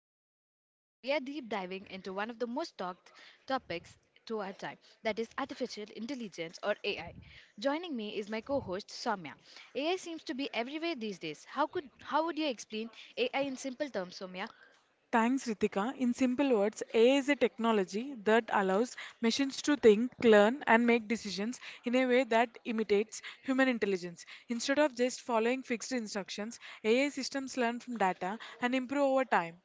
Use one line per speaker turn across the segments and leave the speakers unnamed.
Ritika and today we are deep diving into one of the most talked topics to our time, that is artificial intelligence or AI. Joining me is my co-host Soumya. AI seems to be everywhere these days. How would you explain AI in simple terms, Soumya?
Thanks, Ritika. In simple words, AI is a technology that allows machines to think, learn, and make decisions in a way that imitates human intelligence. Instead of just following fixed instructions, AI systems learn from data and improve over time.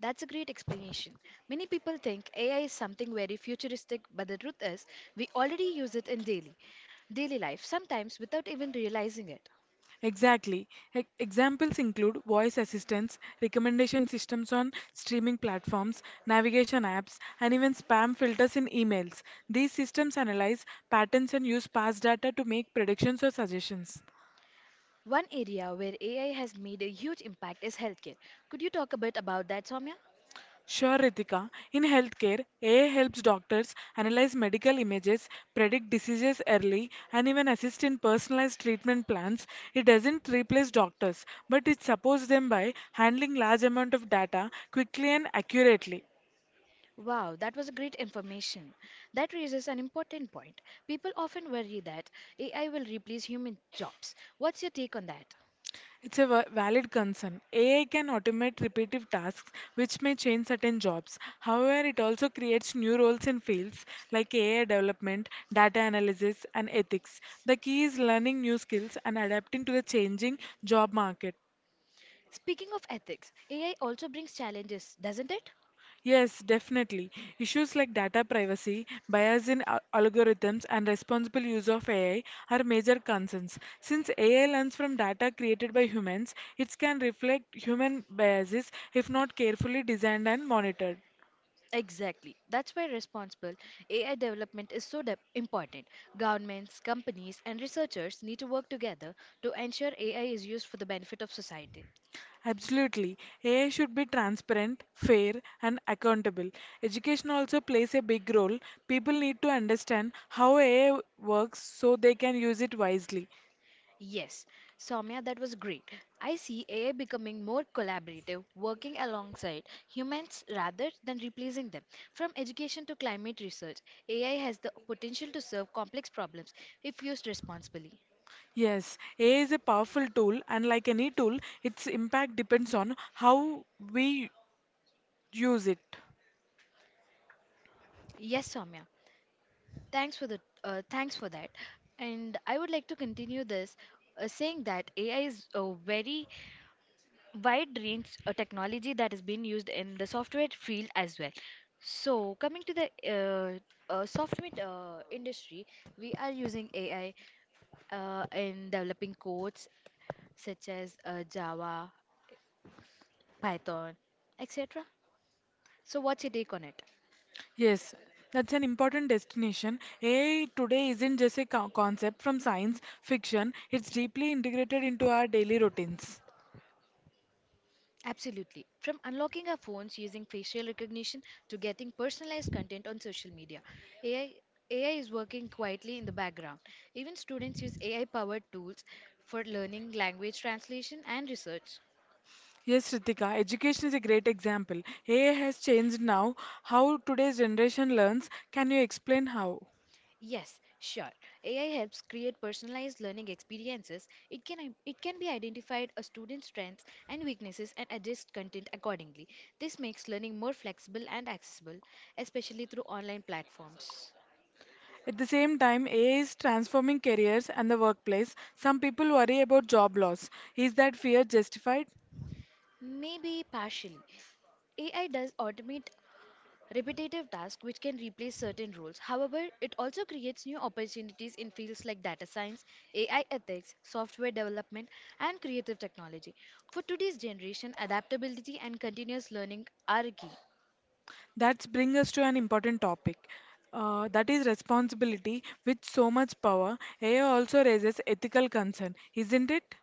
That's a great explanation. Many people think AI is something very futuristic, but the truth is we already use it in daily life sometimes without even realizing it.
Exactly. Examples include voice assistants, recommendation systems on streaming platforms, navigation apps, and even spam filters in emails. These systems analyze patterns and use past data to make predictions or suggestions.
One area where AI has made a huge impact is healthcare. Could you talk a bit about that, Soumya?
Sure, Ritika. In healthcare, AI helps doctors analyze medical images, predict diseases early, and even assist in personalized treatment plans. It doesn't replace doctors, but it supports them by handling large amount of data quickly and accurately.
Wow, that was great information. That raises an important point. People often worry that AI will replace human jobs. What's your take on that?
It's a valid concern. AI can automate repetitive tasks, which may change certain jobs. However, it also creates new roles in fields like AI development, data analysis, and ethics. The key is learning new skills and adapting to the changing job market.
Speaking of ethics, AI also brings challenges, doesn't it?
Yes, definitely. Issues like data privacy, bias in algorithms, and responsible use of AI are major concerns. Since AI learns from data created by humans, it can reflect human biases if not carefully designed and monitored.
Exactly. That's why responsible AI development is so important. Governments, companies, and researchers need to work together to ensure AI is used for the benefit of society.
Absolutely. AI should be transparent, fair, and accountable. Education also plays a big role. People need to understand how AI works so they can use it wisely.
Yes, Soumya, that was great. I see AI becoming more collaborative, working alongside humans rather than replacing them. From education to climate research, AI has the potential to serve complex problems if used responsibly.
Yes, AI is a powerful tool, and like any tool, its impact depends on how we use it.
Yes, Soumya, thanks for the thanks for that. And I would like to continue this saying that AI is very wide range of technology that is being used in the software field as well. So, coming to the software industry, we are using AI in developing codes such as Java, Python, etc. So, what's your take on it?
Yes, that's an important destination. AI today isn't just a concept from science fiction, it's deeply integrated into our daily routines.
Absolutely. From unlocking our phones using facial recognition to getting personalized content on social media, AI, AI is working quietly in the background. Even students use AI powered tools for learning, language translation, and research.
Yes, Ritika, education is a great example. AI has changed now how today's generation learns. Can you explain how?
Yes, sure. AI helps create personalized learning experiences. It can be identified a student's strengths and weaknesses and adjust content accordingly. This makes learning more flexible and accessible, especially through online platforms.
At the same time, AI is transforming careers and the workplace. Some people worry about job loss. Is that fear justified?
Maybe partially. AI does automate repetitive tasks which can replace certain roles. However, it also creates new opportunities in fields like data science, AI ethics, software development, and creative technology. For today's generation, adaptability and continuous learning are key.
That brings us to an important topic. That is responsibility with so much power. AI also raises ethical concern, isn't it?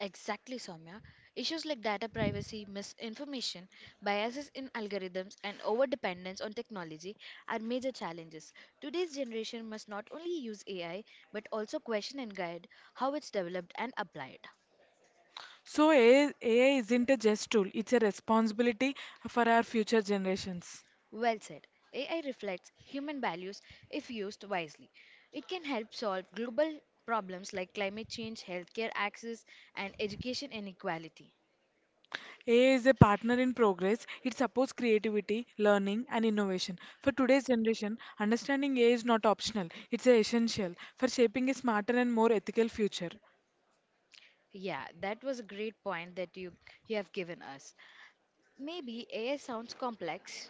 Exactly, Soumya. Issues like data privacy, misinformation, biases in algorithms, and overdependence on technology are major challenges. Today's generation must not only use AI but also question and guide how it's developed and applied.
So AI isn't a just tool, it's a responsibility for our future generations.
Well said. AI reflects human values if used wisely. It can help solve global problems like climate change, healthcare access, and education inequality.
AI is a partner in progress. It supports creativity, learning, and innovation. For today's generation, understanding AI is not optional, it's essential for shaping a smarter and more ethical future.
Yeah, that was a great point that you have given us. Maybe AI sounds complex.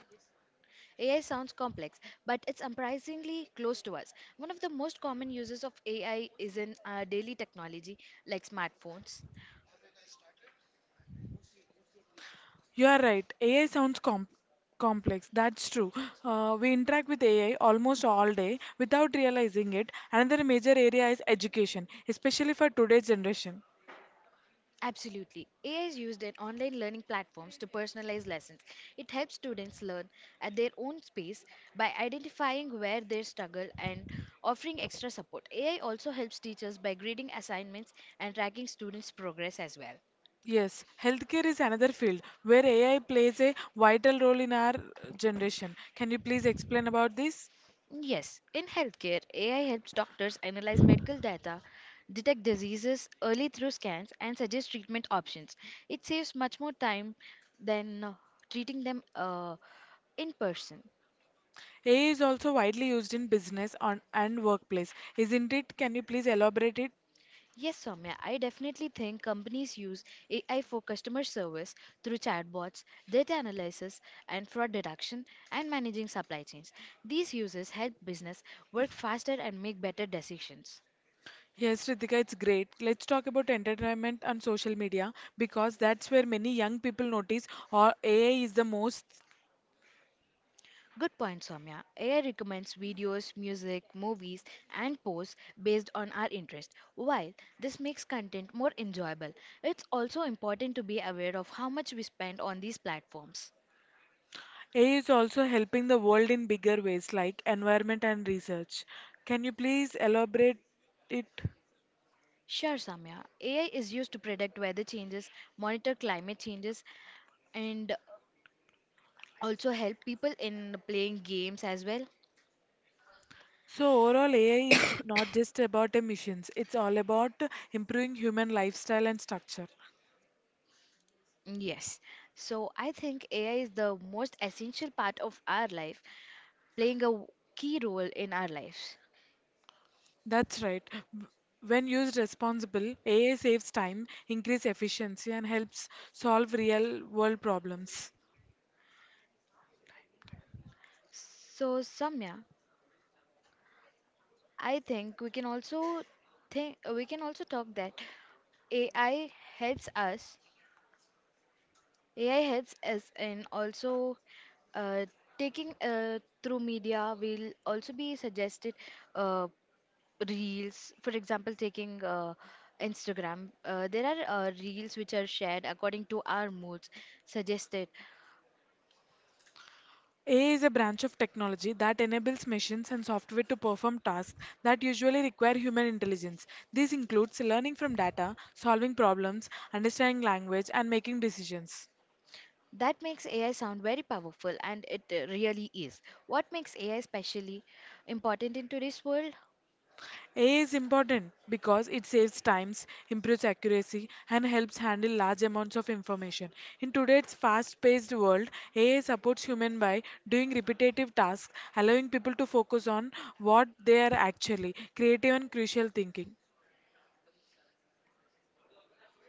AI sounds complex, but it's surprisingly close to us. One of the most common uses of AI is in daily technology like smartphones.
You are right, AI sounds complex. That's true. We interact with AI almost all day without realizing it. Another major area is education, especially for today's generation.
Absolutely. AI is used in online learning platforms to personalize lessons. It helps students learn at their own pace by identifying where they struggle and offering extra support. AI also helps teachers by grading assignments and tracking students' progress as well.
Yes, healthcare is another field where AI plays a vital role in our generation. Can you please explain about this?
Yes, in healthcare, AI helps doctors analyze medical data, detect diseases early through scans, and suggest treatment options. It saves much more time than treating them in person.
AI is also widely used in business on, and workplace, isn't it? Can you please elaborate it?
Yes, Soumya, I definitely think companies use AI for customer service through chatbots, data analysis, and fraud detection, and managing supply chains. These uses help business work faster and make better decisions.
Yes, Ritika, it's great. Let's talk about entertainment and social media because that's where many young people notice or AI is the most.
Good point, Soumya. AI recommends videos, music, movies, and posts based on our interest. While this makes content more enjoyable, it's also important to be aware of how much we spend on these platforms.
AI is also helping the world in bigger ways like environment and research. Can you please elaborate it?
Sure, Samya. AI is used to predict weather changes, monitor climate changes, and also help people in playing games as well.
So overall, AI is not just about emissions. It's all about improving human lifestyle and structure.
Yes. So I think AI is the most essential part of our life, playing a key role in our lives.
That's right. W- When used responsibly, AI saves time, increase efficiency, and helps solve real world problems.
So, Samya, I think we can also talk that AI helps us. AI helps us in also uh, taking through media. Will also be suggested uh, reels, for example, taking Instagram. There are reels which are shared according to our moods suggested.
AI is a branch of technology that enables machines and software to perform tasks that usually require human intelligence. This includes learning from data, solving problems, understanding language, and making decisions.
That makes AI sound very powerful, and it really is. What makes AI specially important in today's world?
AI is important because it saves times, improves accuracy, and helps handle large amounts of information. In today's fast-paced world, AI supports humans by doing repetitive tasks, allowing people to focus on what they are actually creative and crucial thinking.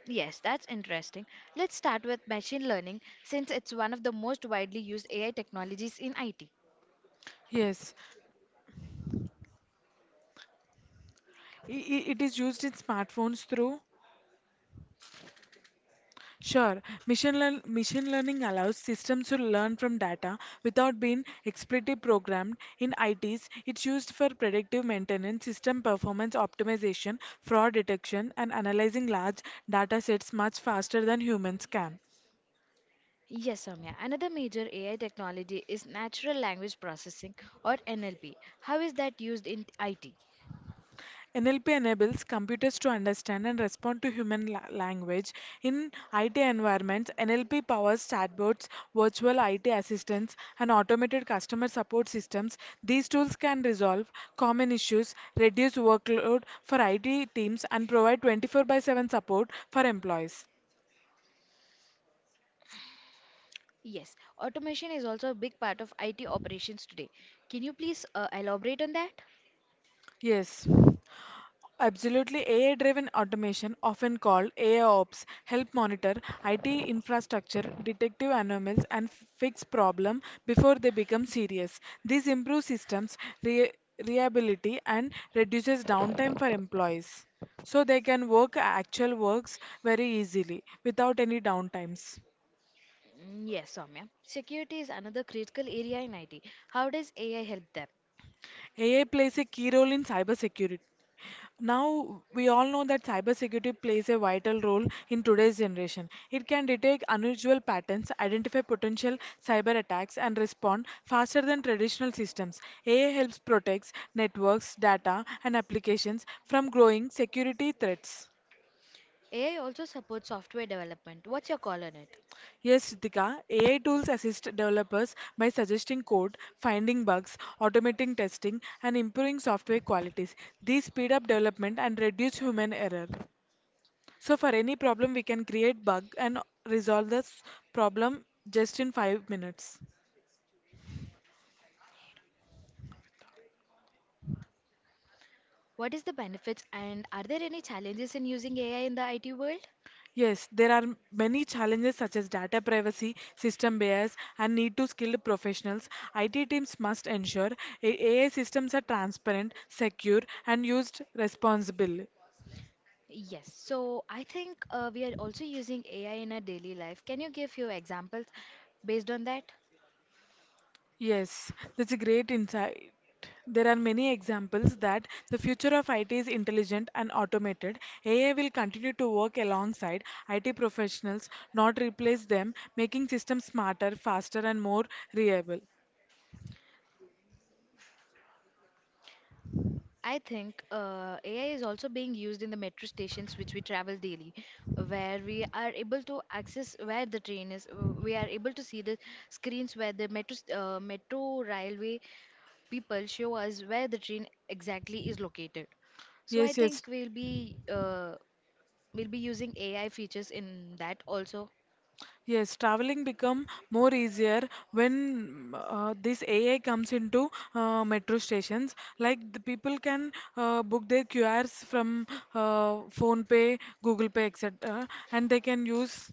Yes, that's interesting. Let's start with machine learning since it's one of the most widely used AI technologies in IT.
Yes, it is used in smartphones through sure, machine learning allows systems to learn from data without being explicitly programmed. In ITs, it's used for predictive maintenance, system performance optimization, fraud detection, and analyzing large data sets much faster than humans can.
Yes, Soumya. Another major AI technology is natural language processing or NLP. How is that used in IT?
NLP enables computers to understand and respond to human language. In IT environments, NLP powers chatbots, virtual IT assistants, and automated customer support systems. These tools can resolve common issues, reduce workload for IT teams, and provide 24 by 7 support for employees.
Yes, automation is also a big part of IT operations today. Can you please elaborate on that?
Yes, absolutely. AI driven automation, often called AI ops, help monitor IT infrastructure, detective anomalies, and fix problems before they become serious. This improves systems reliability and reduces downtime for employees. So they can work actual works very easily without any downtimes.
Yes, Soumya. Security is another critical area in IT. How does AI help them?
AI plays a key role in cybersecurity. Now, we all know that cybersecurity plays a vital role in today's generation. It can detect unusual patterns, identify potential cyber attacks, and respond faster than traditional systems. AI helps protect networks, data, and applications from growing security threats.
AI also supports software development. What's your call on it?
Yes, Ritika, AI tools assist developers by suggesting code, finding bugs, automating testing, and improving software qualities. These speed up development and reduce human error. So, for any problem, we can create bug and resolve this problem just in 5 minutes.
What is the benefits and are there any challenges in using AI in the IT world?
Yes, there are many challenges such as data privacy, system bias, and need to skilled professionals. IT teams must ensure AI systems are transparent, secure, and used responsibly.
Yes, so I think we are also using AI in our daily life. Can you give few examples based on that?
Yes, that's a great insight. There are many examples that the future of IT is intelligent and automated. AI will continue to work alongside IT professionals, not replace them, making systems smarter, faster, and more reliable.
I think AI is also being used in the metro stations which we travel daily, where we are able to access where the train is. We are able to see the screens where the metro railway people show us where the train exactly is located. So I
Yes, yes,
think we'll be using AI features in that also.
yes. Traveling become more easier when this AI comes into metro stations. Like the people can book their QRs from Phone Pay, Google Pay, etc., and they can use.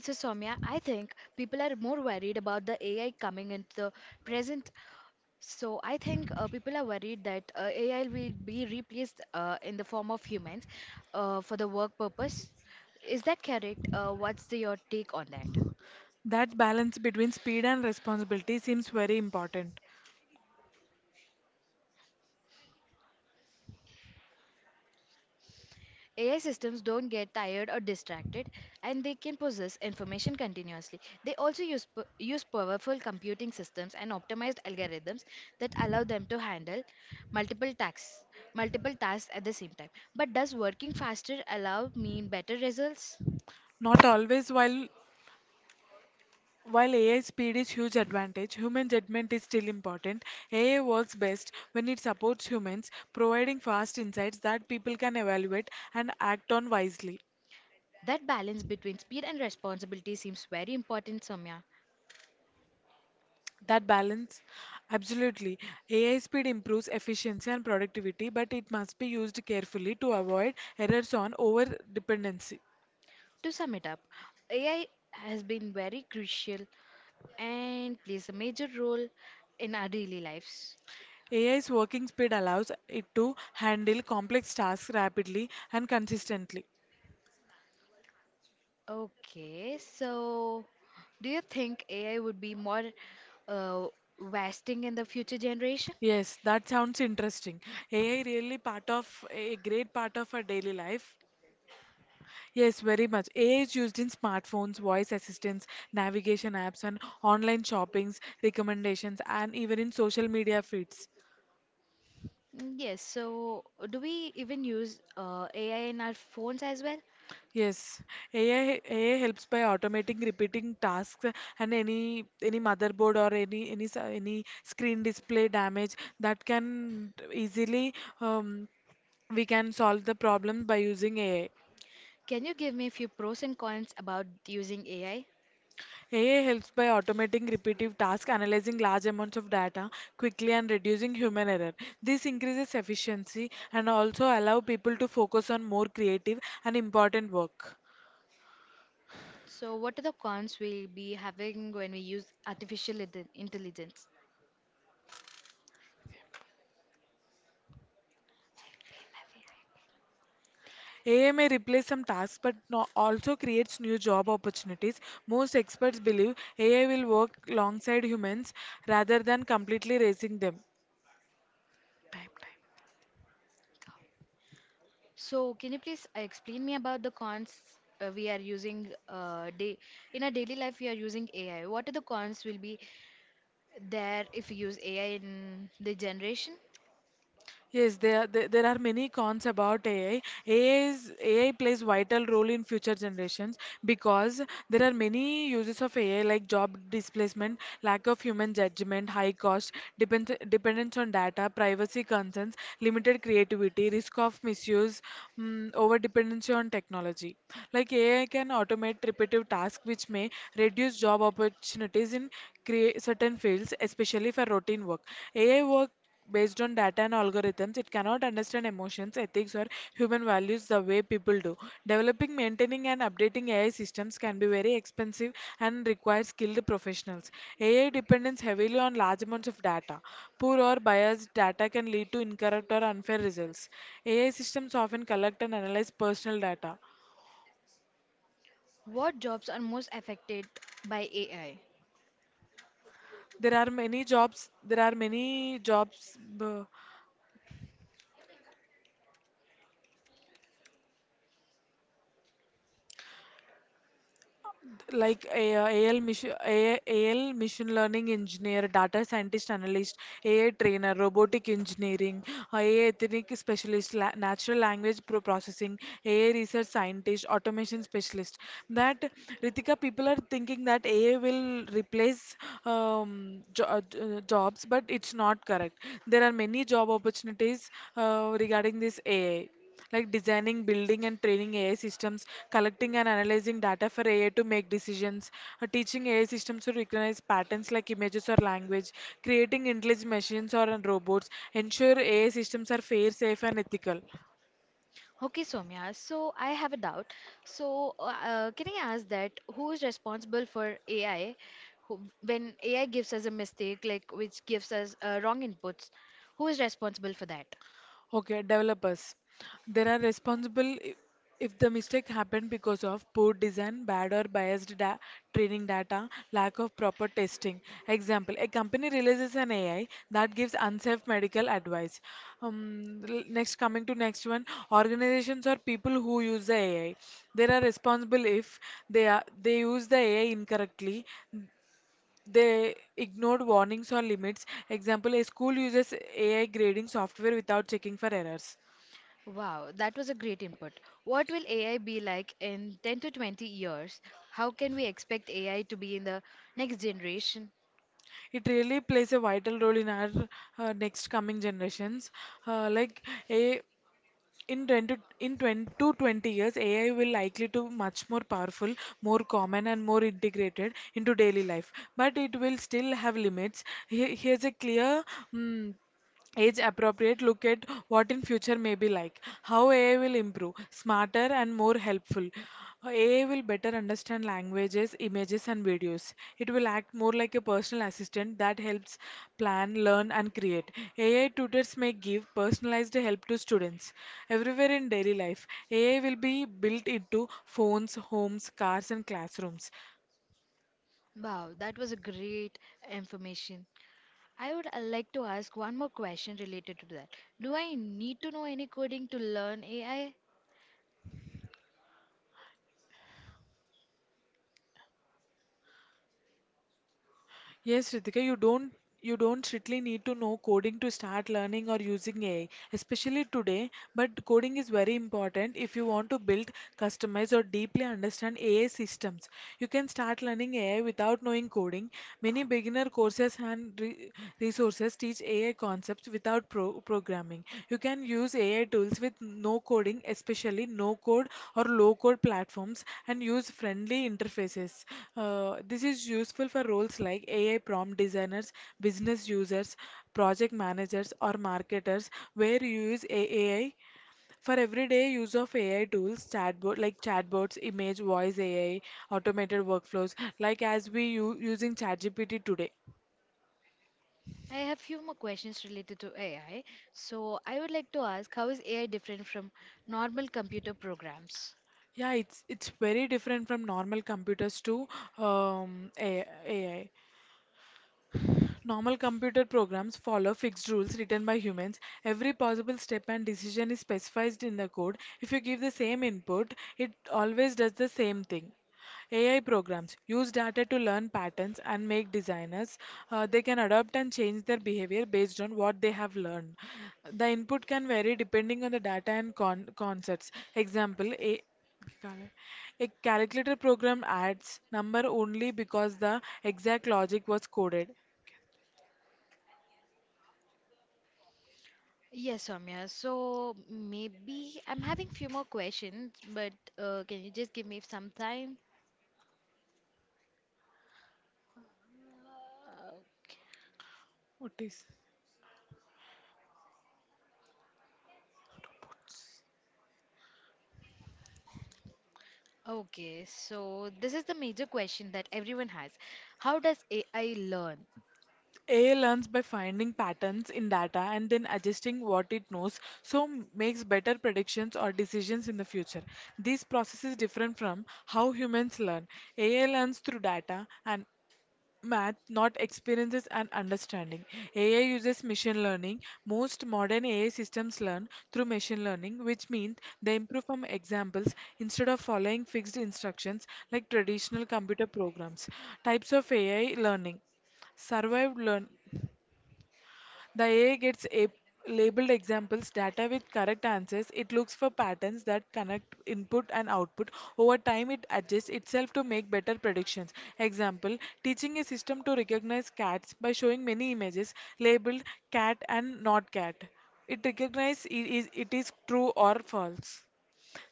So, Soumya, I think people are more worried about the AI coming into the present. So, I think people are worried that AI will be replaced in the form of humans for the work purpose. Is that correct? Your take on that?
That balance between speed and responsibility seems very important.
AI systems don't get tired or distracted, and they can process information continuously. They also use powerful computing systems and optimized algorithms that allow them to handle multiple tasks, multiple tasks at the same time. But does working faster allow mean better results?
Not always, while AI speed is huge advantage, human judgment is still important. AI works best when it supports humans, providing fast insights that people can evaluate and act on wisely.
That balance between speed and responsibility seems very important, Somya.
That balance, absolutely. AI speed improves efficiency and productivity, but it must be used carefully to avoid errors on over dependency.
To sum it up, AI has been very crucial and plays a major role in our daily lives.
AI's working speed allows it to handle complex tasks rapidly and consistently.
Okay, so do you think AI would be more uh, wasting in the future generation?
Yes, that sounds interesting. AI really part of a great part of our daily life. Yes, very much. AI is used in smartphones, voice assistants, navigation apps, and online shoppings, recommendations, and even in social media feeds.
Yes, so do we even use AI in our phones as well?
Yes, AI helps by automating repeating tasks and any motherboard or any screen display damage that can easily um, we can solve the problem by using AI.
Can you give me a few pros and cons about using AI?
AI helps by automating repetitive tasks, analyzing large amounts of data quickly and reducing human error. This increases efficiency and also allow people to focus on more creative and important work.
So, what are the cons we'll be having when we use intelligence?
AI may replace some tasks but no, also creates new job opportunities. Most experts believe AI will work alongside humans rather than completely replacing them. Time, time.
So, can you please explain me about the cons we are using day in our daily life? We are using AI. What are the cons will be there if we use AI in the generation?
Yes, there are many cons about AI. AI plays vital role in future generations because there are many uses of AI like job displacement, lack of human judgment, high cost, dependence on data, privacy concerns, limited creativity, risk of misuse, over dependency on technology. Like AI can automate repetitive tasks which may reduce job opportunities in certain fields, especially for routine work. AI work based on data and algorithms, it cannot understand emotions, ethics, or human values the way people do. Developing, maintaining, and updating AI systems can be very expensive and require skilled professionals. AI depends heavily on large amounts of data. Poor or biased data can lead to incorrect or unfair results. AI systems often collect and analyze personal data.
What jobs are most affected by AI?
There are many jobs. Like AI, AL machine learning engineer, data scientist analyst, AI trainer, robotic engineering, AI ethnic specialist, natural language processing, AI research scientist, automation specialist. That Ritika, people are thinking that AI will replace jobs, but it's not correct. There are many job opportunities regarding this AI like designing, building, and training AI systems, collecting and analyzing data for AI to make decisions, teaching AI systems to recognize patterns like images or language, creating intelligent machines or robots, ensure AI systems are fair, safe, and ethical.
Okay, Soumya, so I have a doubt. So, can I ask that who is responsible for AI who, when AI gives us a mistake, like which gives us wrong inputs? Who is responsible for that?
Okay, developers. They are responsible if the mistake happened because of poor design, bad or biased da training data, lack of proper testing. Example, a company releases an AI that gives unsafe medical advice. Um, Next, coming to next one, organizations or people who use the AI. They are responsible if they use the AI incorrectly. They ignored warnings or limits. Example, a school uses AI grading software without checking for errors.
Wow, that was a great input. What will AI be like in 10 to 20 years? How can we expect AI to be in the next generation?
It really plays a vital role in our next coming generations like a in 20 in 20 to 20 years AI will likely to much more powerful, more common and more integrated into daily life, but it will still have limits. Here, here's a clear mm age appropriate look at what in future may be like, how AI will improve, smarter and more helpful. AI will better understand languages, images, and videos. It will act more like a personal assistant that helps plan, learn, and create. AI tutors may give personalized help to students everywhere in daily life. AI will be built into phones, homes, cars, and classrooms.
Wow, that was a great information. I would like to ask one more question related to that. Do I need to know any coding to learn AI? I
Yes, Ritika, you don't strictly need to know coding to start learning or using AI, especially today. But coding is very important if you want to build, customize, or deeply understand AI systems. You can start learning AI without knowing coding. Many beginner courses and re resources teach AI concepts without programming. You can use AI tools with no coding, especially no code or low code platforms, and use friendly interfaces. This is useful for roles like AI prompt designers, business users, project managers, or marketers where you use AI for everyday use of AI tools, chatbot like chatbots, image, voice AI, automated workflows, like as we using ChatGPT today.
I have few more questions related to AI. So I would like to ask, how is AI different from normal computer programs?
Yeah, it's very different from normal computers to AI. Normal computer programs follow fixed rules written by humans. Every possible step and decision is specified in the code. If you give the same input, it always does the same thing. AI programs use data to learn patterns and make designers. They can adapt and change their behavior based on what they have learned. The input can vary depending on the data and concepts. Example, a calculator program adds number only because the exact logic was coded.
Yes, Soumya. So maybe I'm having few more questions, but can you just give me some time? Uh,
What is
Okay, so this is the major question that everyone has. How does AI learn?
AI learns by finding patterns in data and then adjusting what it knows, so makes better predictions or decisions in the future. This process is different from how humans learn. AI learns through data and math, not experiences and understanding. AI uses machine learning. Most modern AI systems learn through machine learning, which means they improve from examples instead of following fixed instructions like traditional computer programs. Types of AI learning survived learn the AI gets a labeled examples data with correct answers. It looks for patterns that connect input and output. Over time, it adjusts itself to make better predictions. Example, teaching a system to recognize cats by showing many images labeled cat and not cat. It recognizes it is true or false.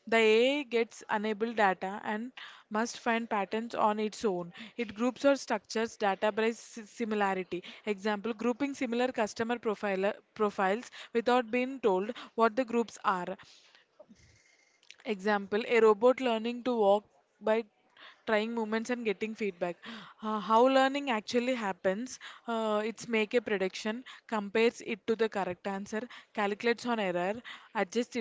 The AI gets unable data and must find patterns on its own. It groups or structures data by similarity. Example, grouping similar profiles without being told what the groups are. Example, a robot learning to walk by trying movements and getting feedback. How learning actually happens, it's make a prediction, compares it to the correct answer, calculates on error, adjusts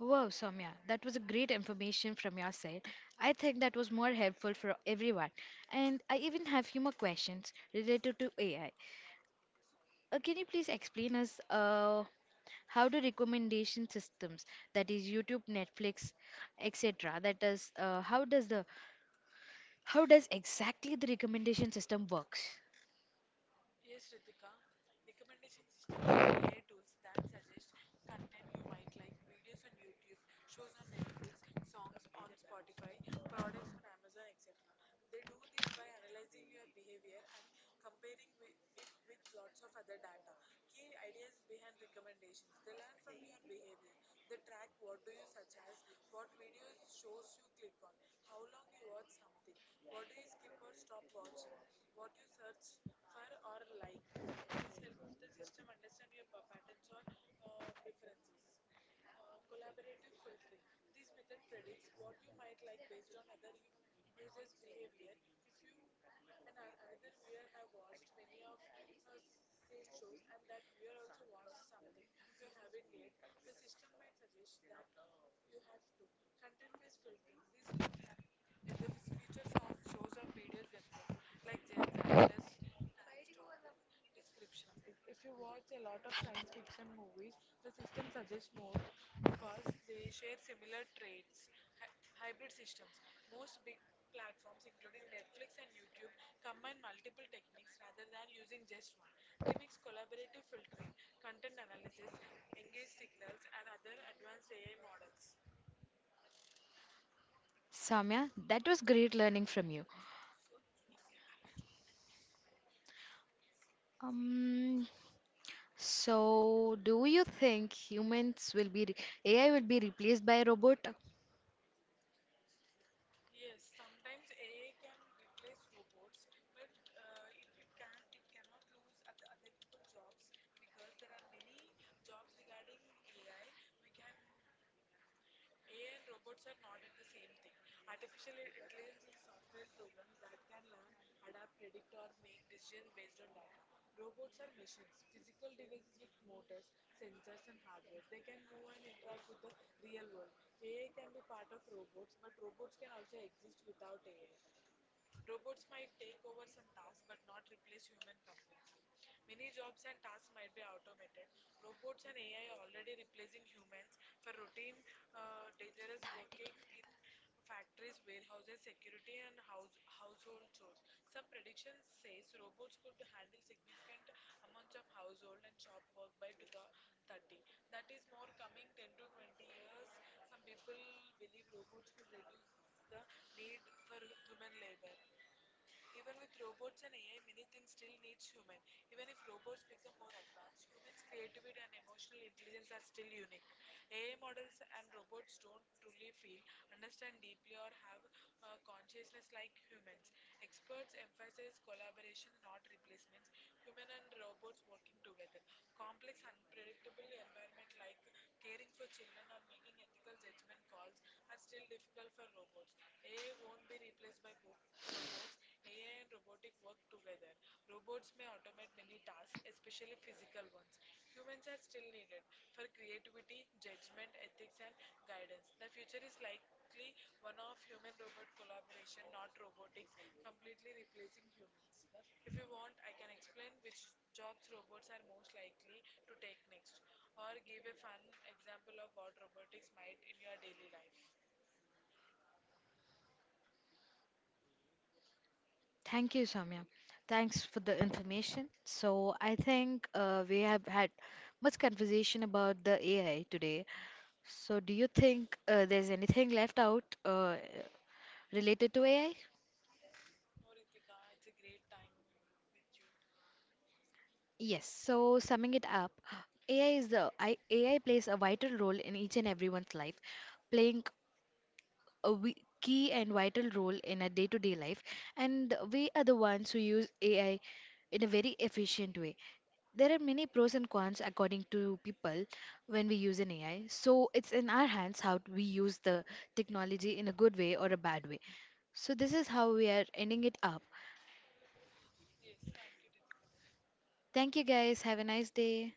Wow, Soumya, that was a great information from your side. I think that was more helpful for everyone. And I even have few more questions related to AI. Can you please explain us how do recommendation systems, that is YouTube, Netflix, etc., that does how does exactly the recommendation system works? Soumya, that was great learning from you. Um, So, do you think humans will be re- AI will be replaced by a robot? Thank you, Samya. Thanks for the information. So, I think we have had much conversation about the AI today. So, do you think there's anything left out related to AI? Yes, so summing it up, AI is the I, AI plays a vital role in each and everyone's life, playing a key and vital role in our day to day life, and we are the ones who use AI in a very efficient way. There are many pros and cons according to people when we use an AI, so it's in our hands how we use the technology in a good way or a bad way. So, this is how we are ending it up. Thank you guys. Have a nice day.